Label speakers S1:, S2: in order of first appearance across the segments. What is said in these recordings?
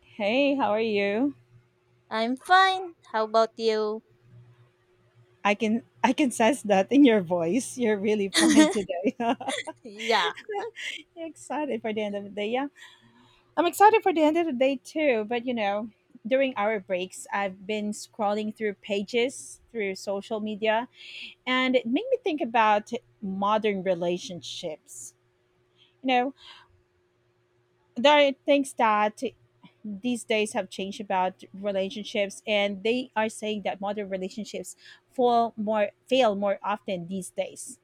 S1: Hey, how are you?
S2: I'm fine. How about you?
S1: I can sense that in your voice. You're really fine today.
S2: Yeah.
S1: You're excited for the end of the day, yeah? I'm excited for the end of the day too. But you know, during our breaks, I've been scrolling through pages through social media, and it made me think about modern relationships. You know, there are things that these days have changed about relationships, and they are saying that modern relationships fall more fail more often these days.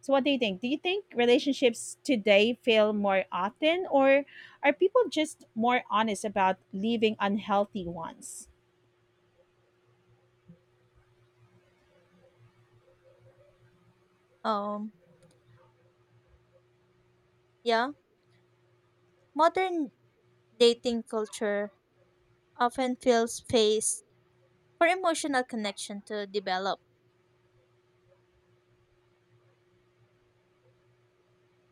S1: So what do you think? Do you think relationships today fail more often, or are people just more honest about leaving unhealthy ones?
S2: Um, yeah. Modern dating culture often feels space for emotional connection to develop.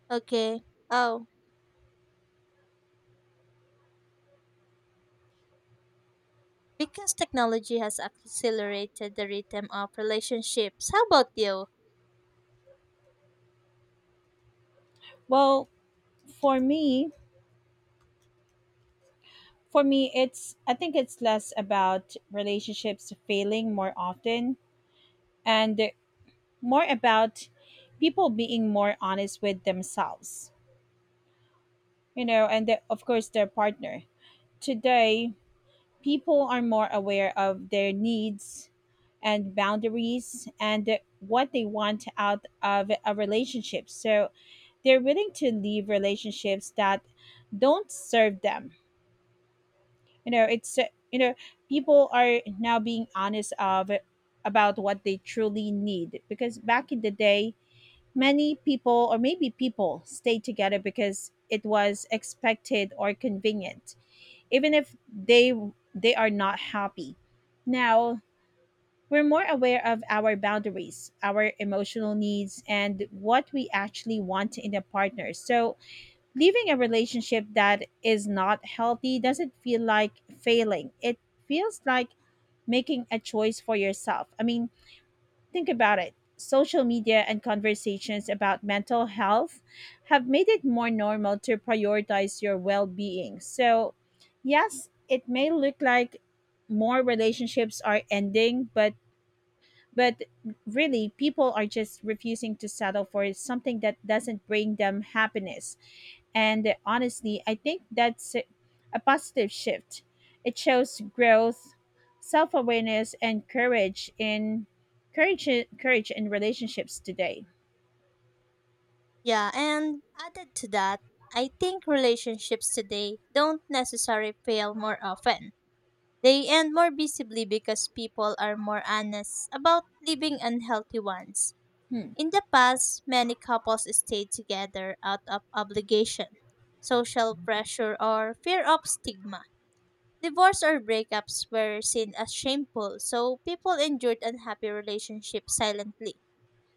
S2: Okay. Oh, because technology has accelerated the rhythm of relationships. How about you?
S1: Well, for me, for me it's I think it's less about relationships failing more often, and more about people being more honest with themselves, you know, and the, of course, their partner. Today, people are more aware of their needs and boundaries and what they want out of a relationship. So they're willing to leave relationships that don't serve them. You know, you know, people are now being honest of about what they truly need, because back in the day, many people, or maybe people stayed together because it was expected or convenient, even if they are not happy. Now, we're more aware of our boundaries, our emotional needs, and what we actually want in a partner. So, leaving a relationship that is not healthy doesn't feel like failing. It feels like making a choice for yourself. I mean, think about it. Social media and conversations about mental health have made it more normal to prioritize your well being. So, yes, it may look like more relationships are ending, but but really people are just refusing to settle for something that doesn't bring them happiness, and honestly, I think that's a positive shift. It shows growth, self awareness, and courage, courage in relationships today.
S2: Yeah, and added to that, I think relationships today don't necessarily fail more often. They end more visibly because people are more honest about living unhealthy ones.
S1: Hmm.
S2: In the past, many couples stayed together out of obligation, social pressure, or fear of stigma. Divorce or breakups were seen as shameful, so people endured unhappy relationships silently.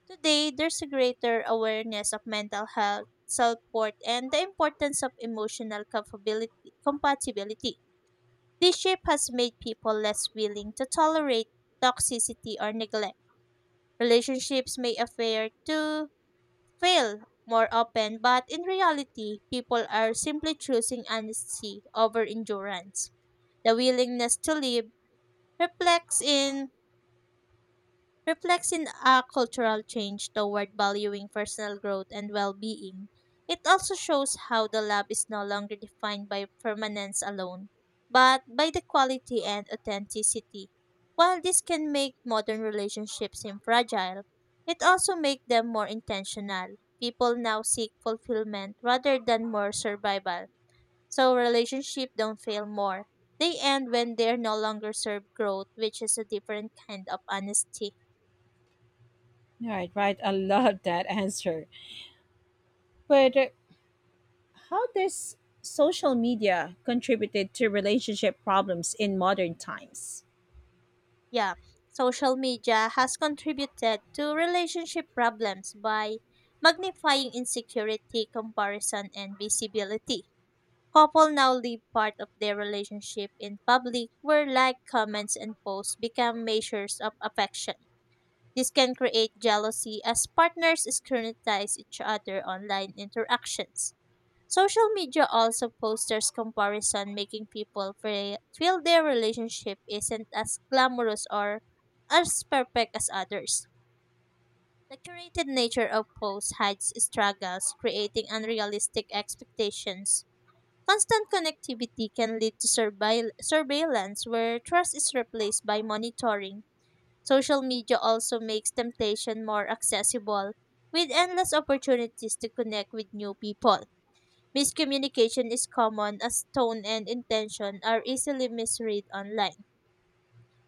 S2: Today, there's a greater awareness of mental health, self worth, and the importance of emotional compatibility. This shift has made people less willing to tolerate toxicity or neglect. Relationships may affair too fail more often, but in reality, people are simply choosing honesty over endurance. The willingness to live reflects in reflects in a cultural change toward valuing personal growth and well-being. It also shows how the lab is no longer defined by permanence alone, but by the quality and authenticity. While this can make modern relationships seem fragile, it also makes them more intentional. People now seek fulfillment rather than more survival. So relationships don't fail more. They end when they no longer serve growth, which is a different kind of honesty.
S1: Right, right. I love that answer. But how does social media contributed to relationship problems in modern times?
S2: Yeah, social media has contributed to relationship problems by magnifying insecurity, comparison, and visibility. Couple now live part of their relationship in public where like comments and posts become measures of affection. This can create jealousy as partners scrutinize each other online interactions. Social media also posters comparison, making people feel their relationship isn't as glamorous or as perfect as others. The curated nature of posts hides struggles, creating unrealistic expectations. Constant connectivity can lead to surveillance where trust is replaced by monitoring. Social media also makes temptation more accessible, with endless opportunities to connect with new people. Miscommunication is common as tone and intention are easily misread online.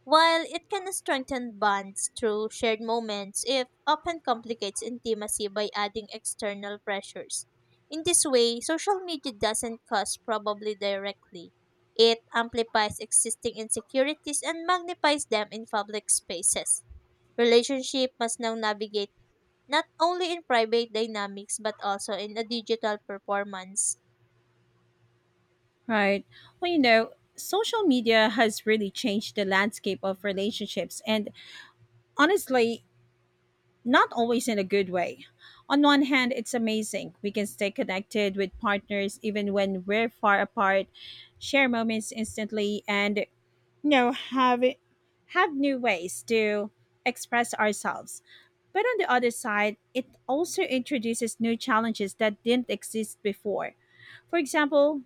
S2: While it can strengthen bonds through shared moments, it often complicates intimacy by adding external pressures. In this way, social media doesn't cause probably directly. It amplifies existing insecurities and magnifies them in public spaces. Relationship must now navigate not only in private dynamics but also in a digital performance.
S1: Right. Well, you know, social media has really changed the landscape of relationships, and honestly, not always in a good way. On one hand, it's amazing. We can stay connected with partners even when we're far apart, share moments instantly, and you know, have new ways to express ourselves. But on the other side, it also introduces new challenges that didn't exist before. For example,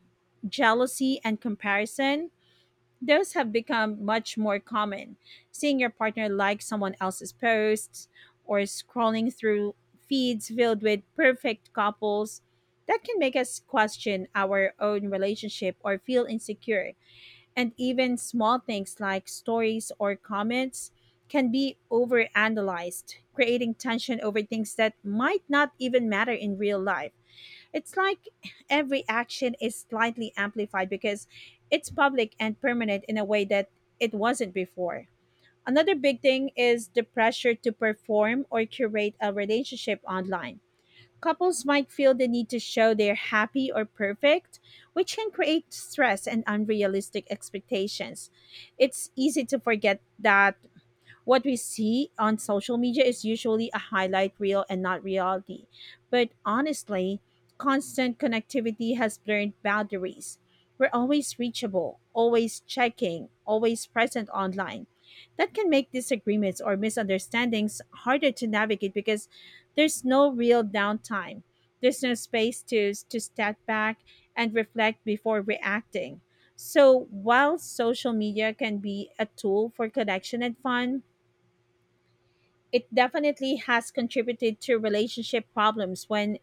S1: jealousy and comparison, those have become much more common. Seeing your partner like someone else's posts or scrolling through feeds filled with perfect couples, that can make us question our own relationship or feel insecure. And even small things like stories or comments can be overanalyzed, creating tension over things that might not even matter in real life. It's like every action is slightly amplified because it's public and permanent in a way that it wasn't before. Another big thing is the pressure to perform or curate a relationship online. Couples might feel the need to show they're happy or perfect, which can create stress and unrealistic expectations. It's easy to forget that what we see on social media is usually a highlight reel and not reality. But honestly, constant connectivity has blurred boundaries. We're always reachable, always checking, always present online. That can make disagreements or misunderstandings harder to navigate because there's no real downtime. There's no space to step back and reflect before reacting. So while social media can be a tool for connection and fun, it definitely has contributed to relationship problems when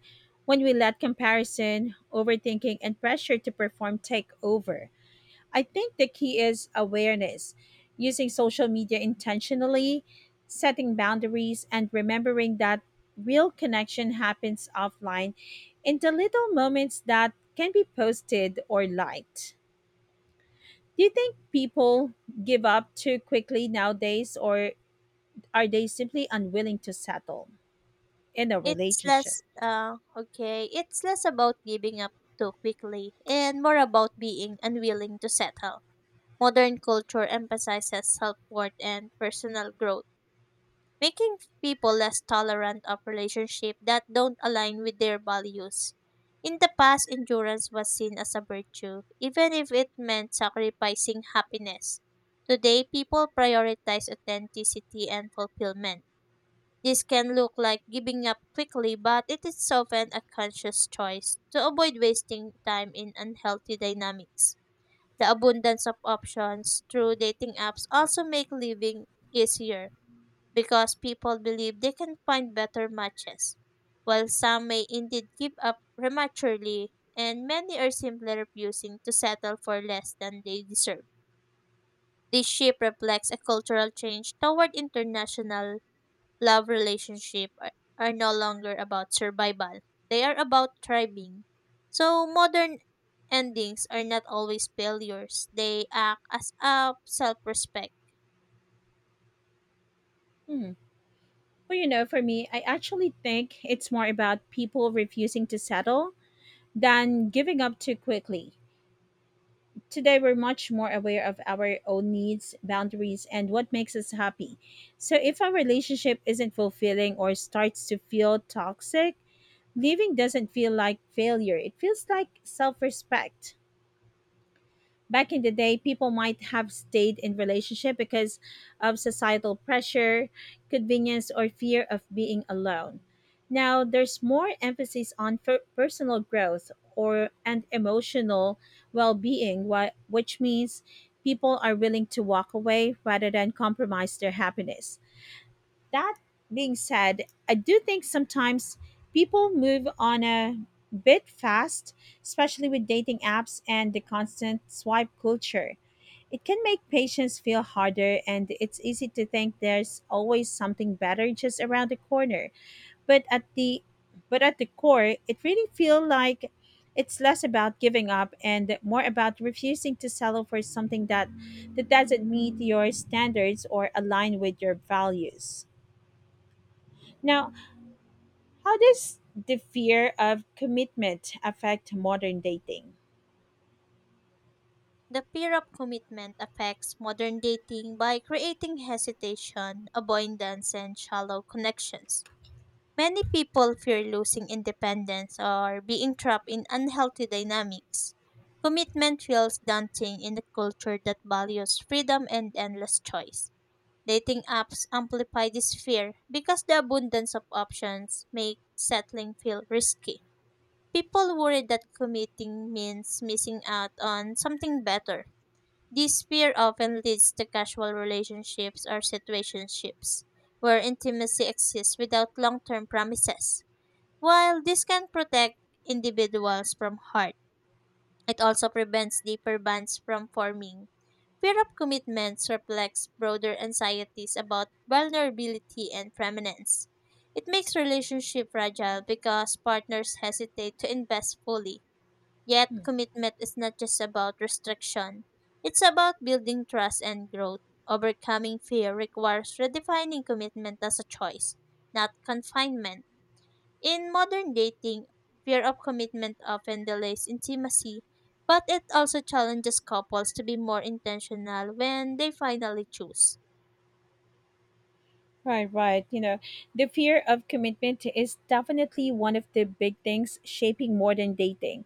S1: we let comparison, overthinking and pressure to perform take over. I think the key is awareness, using social media intentionally, setting boundaries and remembering that real connection happens offline in the little moments that can be posted or liked. Do you think people give up too quickly nowadays, or are they simply unwilling to settle in a
S2: It's
S1: relationship?
S2: it's less about giving up too quickly and more about being unwilling to settle. Modern culture emphasizes self-worth and personal growth, making people less tolerant of relationships that don't align with their values. In the past, endurance was seen as a virtue, even if it meant sacrificing happiness. Today, people prioritize authenticity and fulfillment. This can look like giving up quickly, but it is often a conscious choice to avoid wasting time in unhealthy dynamics. The abundance of options through dating apps also make living easier because people believe they can find better matches. While some may indeed give up prematurely, and many are simply refusing to settle for less than they deserve. This shift reflects a cultural change toward international love are no longer about survival. They are about thriving. So modern endings are not always failures. They act as a self-respect.
S1: Hmm. Well, you know, for me, I actually think it's more about people refusing to settle than giving up too quickly. Today, we're much more aware of our own needs, boundaries, and what makes us happy. So, if our relationship isn't fulfilling or starts to feel toxic, leaving doesn't feel like failure, it feels like self respect. Back in the day, people might have stayed in relationship because of societal pressure, convenience or fear of being alone. Now there's more emphasis on personal growth or and emotional well-being, which means people are willing to walk away rather than compromise their happiness. That being said, I do think sometimes people move on a bit fast, especially with dating apps and the constant swipe culture. It can make patients feel harder, and it's easy to think there's always something better just around the corner. But at the core, it really feels like it's less about giving up and more about refusing to settle for something that doesn't meet your standards or align with your values. Now, how does the fear of commitment affect modern dating?
S2: The fear of commitment affects modern dating by creating hesitation, avoidance, and shallow connections. Many people fear losing independence or being trapped in unhealthy dynamics. Commitment feels daunting in a culture that values freedom and endless choice. Dating apps amplify this fear because the abundance of options make settling feel risky. People worry that committing means missing out on something better. This fear often leads to casual relationships or situationships where intimacy exists without long-term promises. While this can protect individuals from harm, it also prevents deeper bonds from forming. Fear of commitments reflects broader anxieties about vulnerability and permanence. It makes relationship fragile because partners hesitate to invest fully. Yet,
S1: Hmm.
S2: commitment is not just about restriction. It's about building trust and growth. Overcoming fear requires redefining commitment as a choice, not confinement. In modern dating, fear of commitment often delays intimacy, but it also challenges couples to be more intentional when they finally choose.
S1: Right, right. You know, the fear of commitment is definitely one of the big things shaping modern dating.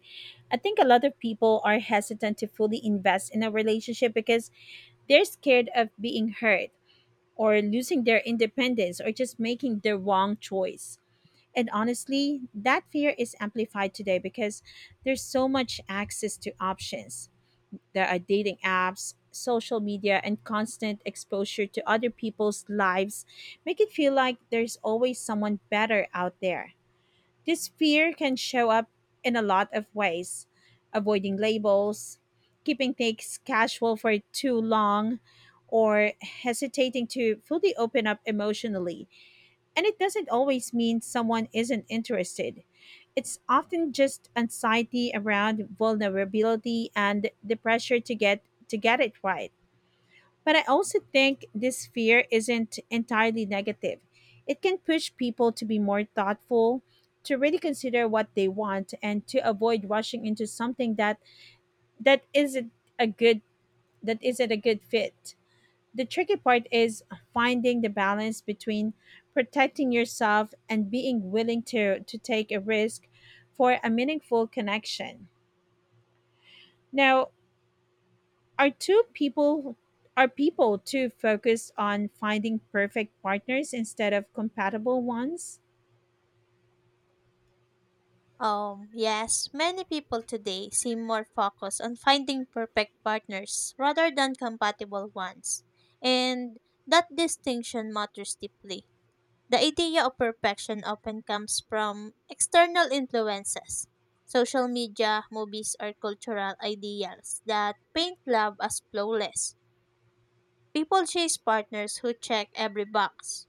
S1: I think a lot of people are hesitant to fully invest in a relationship because they're scared of being hurt, or losing their independence, or just making the wrong choice. And honestly, that fear is amplified today because there's so much access to options. There are dating apps, social media, and constant exposure to other people's lives make it feel like there's always someone better out there. This fear can show up in a lot of ways: avoiding labels, keeping things casual for too long, or hesitating to fully open up emotionally. And it doesn't always mean someone isn't interested. It's often just anxiety around vulnerability and the pressure to get it right. But I also think this fear isn't entirely negative. It can push people to be more thoughtful, to really consider what they want and to avoid rushing into something that isn't a good that isn't a good fit. The tricky part is finding the balance between protecting yourself and being willing to take a risk for a meaningful connection. Now, Are two people are people too focused on finding perfect partners instead of compatible ones?
S2: Yes, many people today seem more focused on finding perfect partners rather than compatible ones, and that distinction matters deeply. The idea of perfection often comes from external influences, social media, movies, or cultural ideals that paint love as flawless. People chase partners who check every box,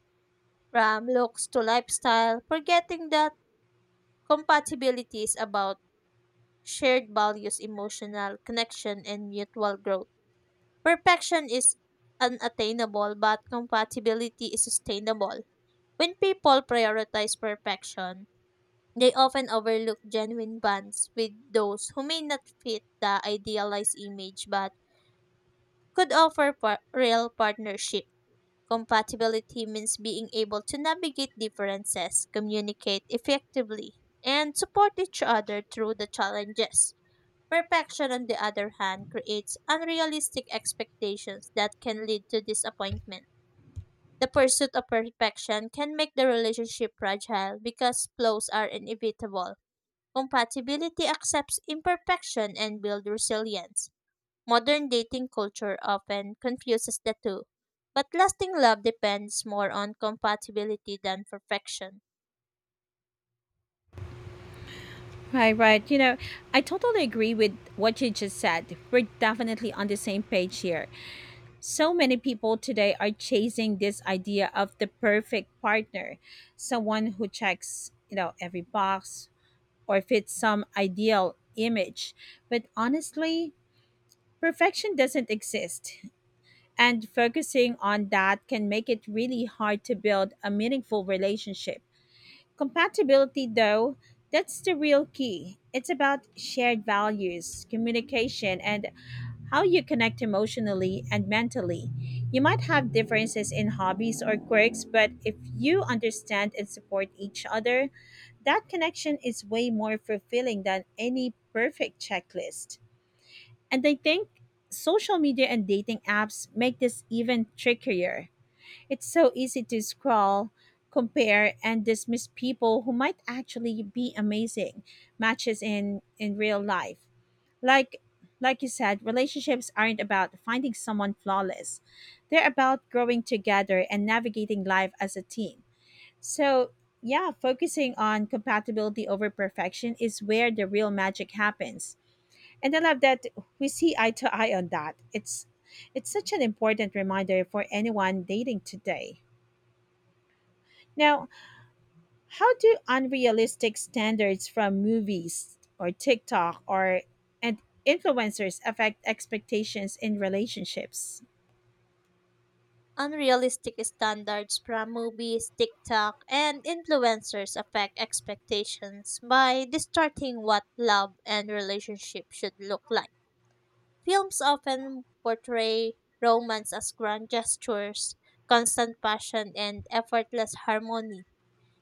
S2: from looks to lifestyle, forgetting that compatibility is about shared values, emotional connection, and mutual growth. Perfection is unattainable, but compatibility is sustainable. When people prioritize perfection, they often overlook genuine bonds with those who may not fit the idealized image but could offer real partnership. Compatibility means being able to navigate differences, communicate effectively, and support each other through the challenges. Perfection, on the other hand, creates unrealistic expectations that can lead to disappointment. The pursuit of perfection can make the relationship fragile because flaws are inevitable. Compatibility accepts imperfection and builds resilience. Modern dating culture often confuses the two, but lasting love depends more on compatibility than perfection.
S1: Right, right. You know, I totally agree with what you just said. We're definitely on the same page here. So many people today are chasing this idea of the perfect partner, someone who checks, you know, every box or fits some ideal image. But honestly, perfection doesn't exist. And focusing on that can make it really hard to build a meaningful relationship. Compatibility, though, that's the real key. It's about shared values, communication, and how you connect emotionally and mentally. You might have differences in hobbies or quirks, but if you understand and support each other, that connection is way more fulfilling than any perfect checklist. And I think social media and dating apps make this even trickier. It's so easy to scroll, compare, and dismiss people who might actually be amazing matches in real life. Like like you said, relationships aren't about finding someone flawless. They're about growing together and navigating life as a team. So, yeah, focusing on compatibility over perfection is where the real magic happens. And I love that we see eye to eye on that. It's such an important reminder for anyone dating today. Now, how do unrealistic standards from movies or TikTok or and influencers affect expectations in relationships?
S2: Unrealistic standards from movies, TikTok, and influencers affect expectations by distorting what love and relationship should look like. Films often portray romance as grand gestures, constant passion, and effortless harmony.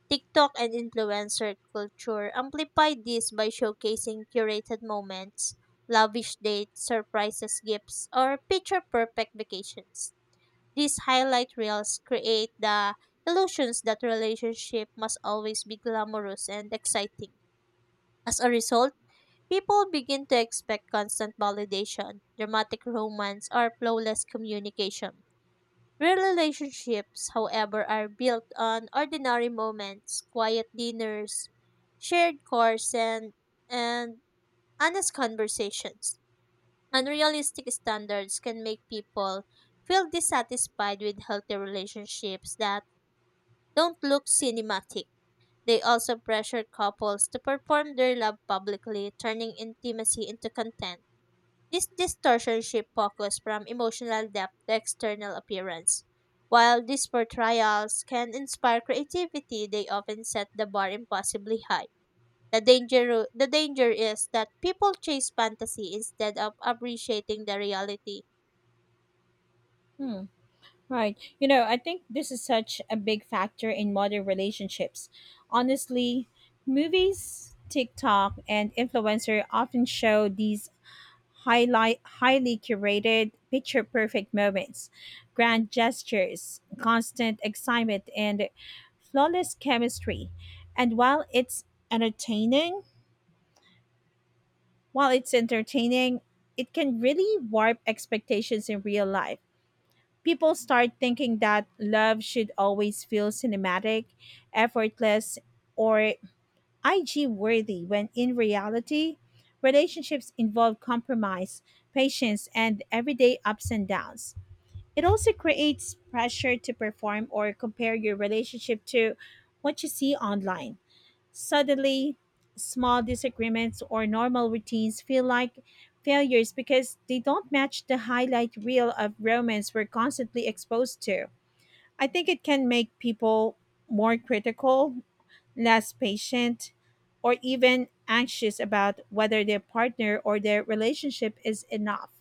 S2: TikTok and influencer culture amplify this by showcasing curated moments, lavish dates, surprises, gifts, or picture perfect vacations. These highlight reels create the illusions that relationship must always be glamorous and exciting. As a result, people begin to expect constant validation, dramatic romance, or flawless communication. Real relationships, however, are built on ordinary moments, quiet dinners, shared courses, and honest conversations. Unrealistic standards can make people feel dissatisfied with healthy relationships that don't look cinematic. They also pressure couples to perform their love publicly, turning intimacy into content. This distortion shifts focus from emotional depth to external appearance. While these portrayals can inspire creativity, they often set the bar impossibly high. The danger is that people chase fantasy instead of appreciating the reality.
S1: Hmm. Right. You know, I think this is such a big factor in modern relationships. Honestly, movies, TikTok, and influencer often show these highlight highly curated, picture perfect moments, grand gestures, constant excitement, and flawless chemistry. And entertaining, while it's entertaining, it can really warp expectations in real life. People start thinking that love should always feel cinematic, effortless, or IG worthy when in reality, relationships involve compromise, patience, and everyday ups and downs. It also creates pressure to perform or compare your relationship to what you see online. Suddenly, small disagreements or normal routines feel like failures because they don't match the highlight reel of romance we're constantly exposed to. I think it can make people more critical, less patient, or even anxious about whether their partner or their relationship is enough.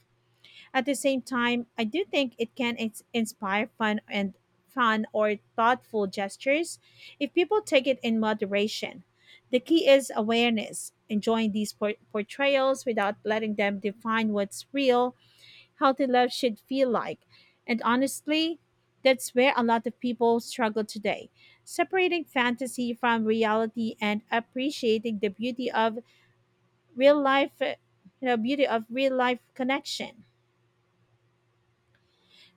S1: At the same time, I do think it can inspire fun or thoughtful gestures if people take it in moderation. The key is awareness, enjoying these portrayals without letting them define what's real healthy love should feel like. And honestly, that's where a lot of people struggle today separating fantasy from reality and appreciating the beauty of real life, you know, beauty of real life connection.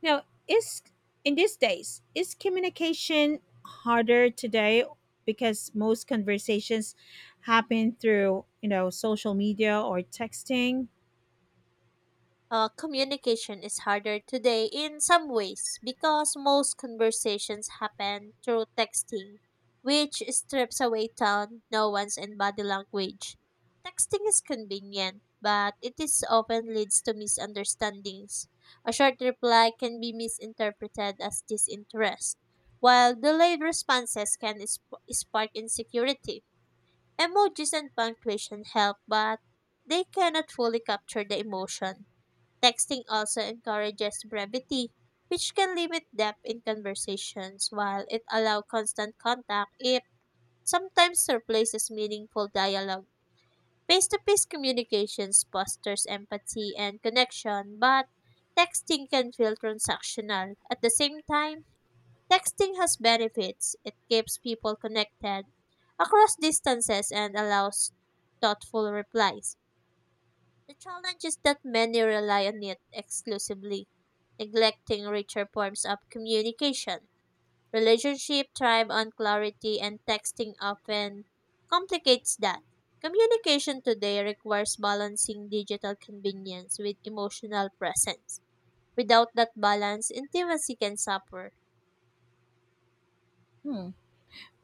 S1: Now, is in these days, is communication harder today because most conversations happen through, you know, social media or texting?
S2: Communication is harder today in some ways because most conversations happen through texting, which strips away tone, nuance, and body language. Texting is convenient, but it is often leads to misunderstandings. A short reply can be misinterpreted as disinterest, while delayed responses can spark insecurity. Emojis and punctuation help, but they cannot fully capture the emotion. Texting also encourages brevity, which can limit depth in conversations, while it allows constant contact. It sometimes replaces meaningful dialogue. Face to face communications fosters empathy and connection, but texting can feel transactional. At the same time, texting has benefits. It keeps people connected across distances and allows thoughtful replies. The challenge is that many rely on it exclusively, neglecting richer forms of communication. Relationship thrive on clarity and texting often complicates that. Communication today requires balancing digital convenience with emotional presence. Without that balance, intimacy can suffer.
S1: Hmm.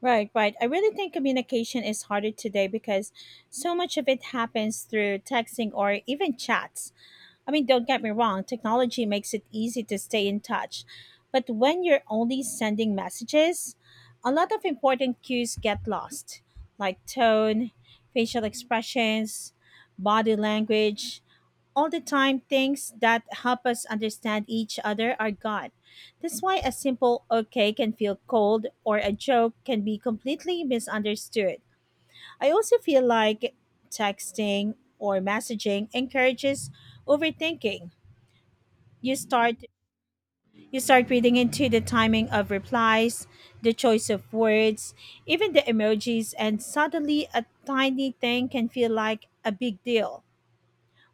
S1: Right, right. I really think communication is harder today because so much of it happens through texting or even chats. I mean, don't get me wrong, technology makes it easy to stay in touch. But when you're only sending messages, a lot of important cues get lost, like tone, facial expressions, body language all the time things that help us understand each other are gone. That's why a simple okay can feel cold or a joke can be completely misunderstood. I also feel like texting or messaging encourages overthinking. You start you start reading into the timing of replies, the choice of words, even the emojis and suddenly a tiny thing can feel like a big deal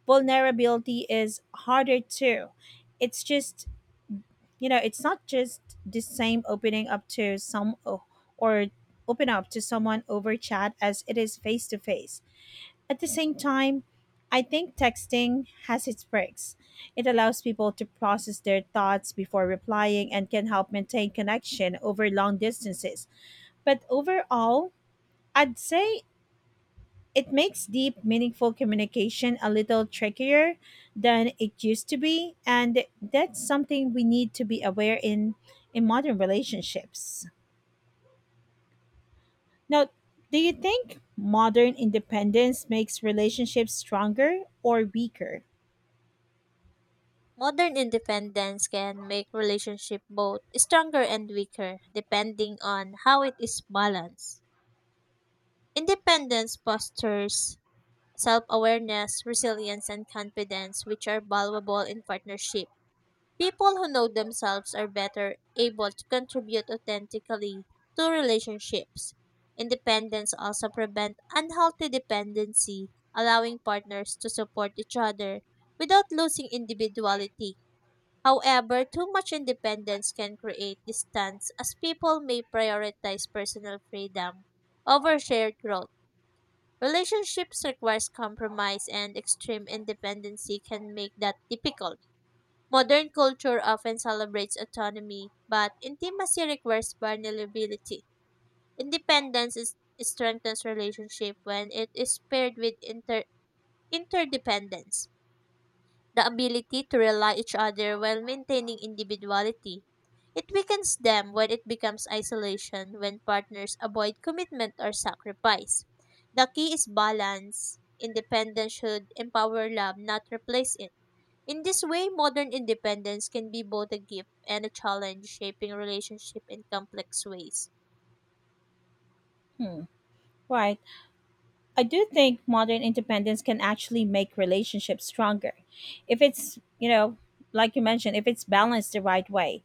S1: vulnerability is harder too. It's just, it's not just the same opening up to some or open up to someone over chat as it is face to face. At the same time, I think texting has its perks. It allows people to process their thoughts before replying and can help maintain connection over long distances. But overall, I'd say it makes deep, meaningful communication a little trickier than it used to be, and that's something we need to be aware in modern relationships. Now, do you think modern independence makes relationships stronger or weaker?
S2: Modern independence can make relationship both stronger and weaker depending on how it is balanced. Independence fosters self awareness, resilience, and confidence, which are valuable in partnership. People who know themselves are better able to contribute authentically to relationships. Independence also prevents unhealthy dependency, allowing partners to support each other without losing individuality. However, too much independence can create distance as people may prioritize personal freedom over shared growth. Relationships requires compromise and extreme independency can make that difficult. Modern culture often celebrates autonomy, but intimacy requires vulnerability. Independence is, Strengthens relationship when it is paired with interdependence, the ability to rely each other while maintaining individuality. It weakens them when it becomes isolation, when partners avoid commitment or sacrifice. The key is balance. Independence should empower love, not replace it. In this way, modern independence can be both a gift and a challenge, shaping relationship in complex ways.
S1: Hmm. Right. I do think modern independence can actually make relationships stronger. If it's, like you mentioned, if it's balanced the right way.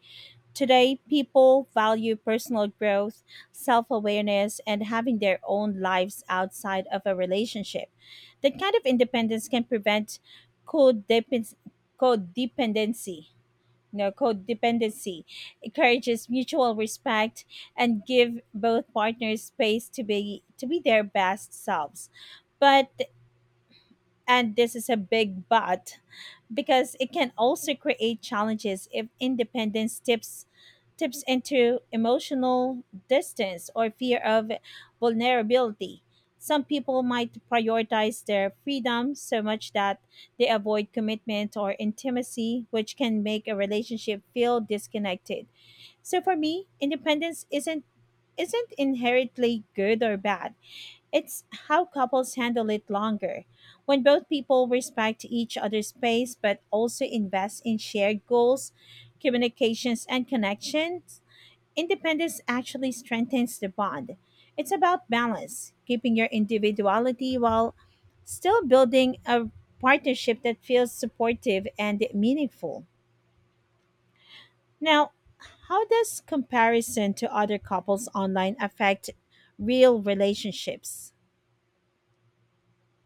S1: Today, people value personal growth, self awareness, and having their own lives outside of a relationship. That kind of independence can prevent codepend- codependency. No, codependency encourages mutual respect and give both partners space to be their best selves. But, and this is a big but, because it can also create challenges if independence tips into emotional distance or fear of vulnerability. Some people might prioritize their freedom so much that they avoid commitment or intimacy, which can make a relationship feel disconnected. So for me, independence isn't inherently good or bad. It's how couples handle it longer. When both people respect each other's space but also invest in shared goals, communications, and connections, independence actually strengthens the bond. It's about balance, keeping your individuality while still building a partnership that feels supportive and meaningful. Now, how does comparison to other couples online affect real relationships?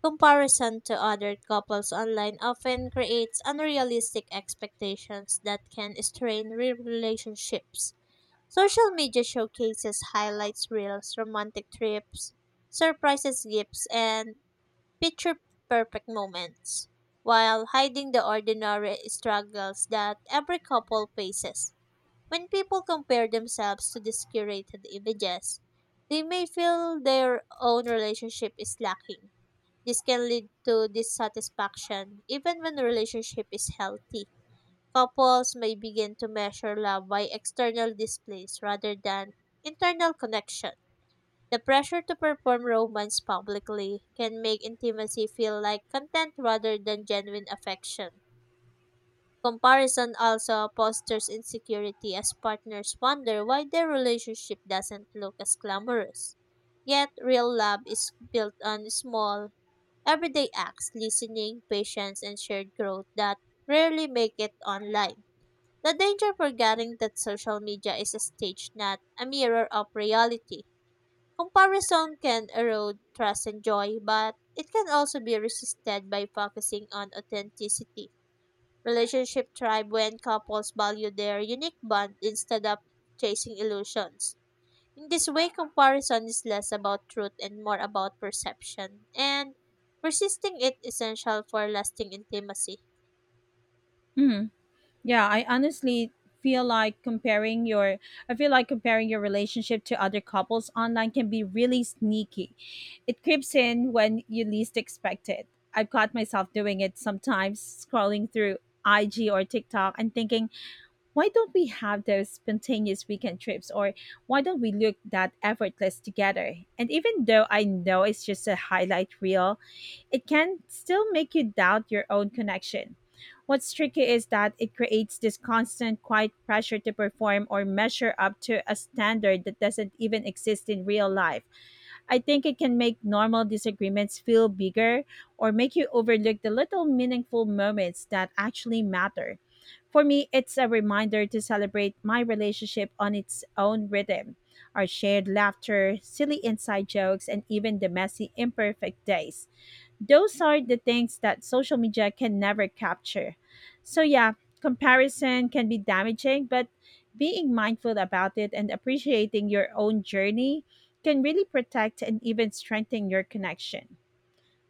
S2: Comparison to other couples online often creates unrealistic expectations that can strain relationships. Social media showcases highlights reels, romantic trips, surprises, gifts, and picture perfect moments, while hiding the ordinary struggles that every couple faces. When people compare themselves to these curated images, they may feel their own relationship is lacking. This can lead to dissatisfaction even when the relationship is healthy. Couples may begin to measure love by external displays rather than internal connection. The pressure to perform romance publicly can make intimacy feel like content rather than genuine affection. Comparison also fosters insecurity as partners wonder why their relationship doesn't look as glamorous. Yet, real love is built on small, everyday acts, listening, patience, and shared growth that rarely make it online. The danger forgetting that social media is a stage, not a mirror of reality. Comparison can erode trust and joy, but it can also be resisted by focusing on authenticity. Relationship thrive when couples value their unique bond instead of chasing illusions. In this way, comparison is less about truth and more about perception, and resisting it essential for lasting intimacy.
S1: Mhm. Yeah, I honestly feel like comparing your I feel like comparing your relationship to other couples online can be really sneaky. It creeps in when you least expect it. I've caught myself doing it sometimes, scrolling through IG or TikTok and thinking, why don't we have those spontaneous weekend trips or why don't we look that effortless together? And even though I know it's just a highlight reel, it can still make you doubt your own connection. What's tricky is that it creates this constant, quiet pressure to perform or measure up to a standard that doesn't even exist in real life. I think it can make normal disagreements feel bigger or make you overlook the little meaningful moments that actually matter. For me, it's a reminder to celebrate my relationship on its own rhythm, our shared laughter, silly inside jokes, and even the messy, imperfect days those are the things that social media can never capture. So, yeah, comparison can be damaging, but being mindful about it and appreciating your own journey can really protect and even strengthen your connection.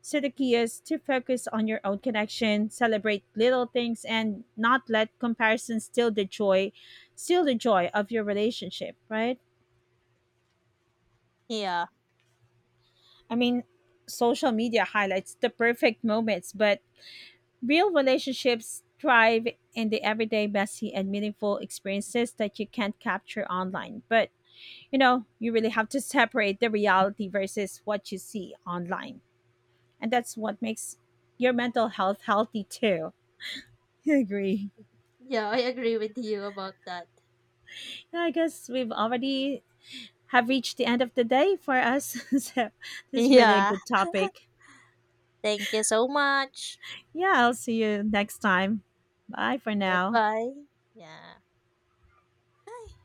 S1: So, the key is to focus on your own connection, celebrate little things, and not let comparison steal the joy of your relationship, right?
S2: Yeah.
S1: I mean, social media highlights the perfect moments, but real relationships thrive in the everyday messy and meaningful experiences that you can't capture online. But you really have to separate the reality versus what you see online. And that's what makes your mental health healthy too. I agree.
S2: Yeah, I agree with you about that.
S1: Yeah, I guess we've already have reached the end of the day for us. So this is really a
S2: Yeah.
S1: good topic.
S2: Thank you so much.
S1: Yeah, I'll see you next time. Bye for now.
S2: Goodbye. Yeah. Bye.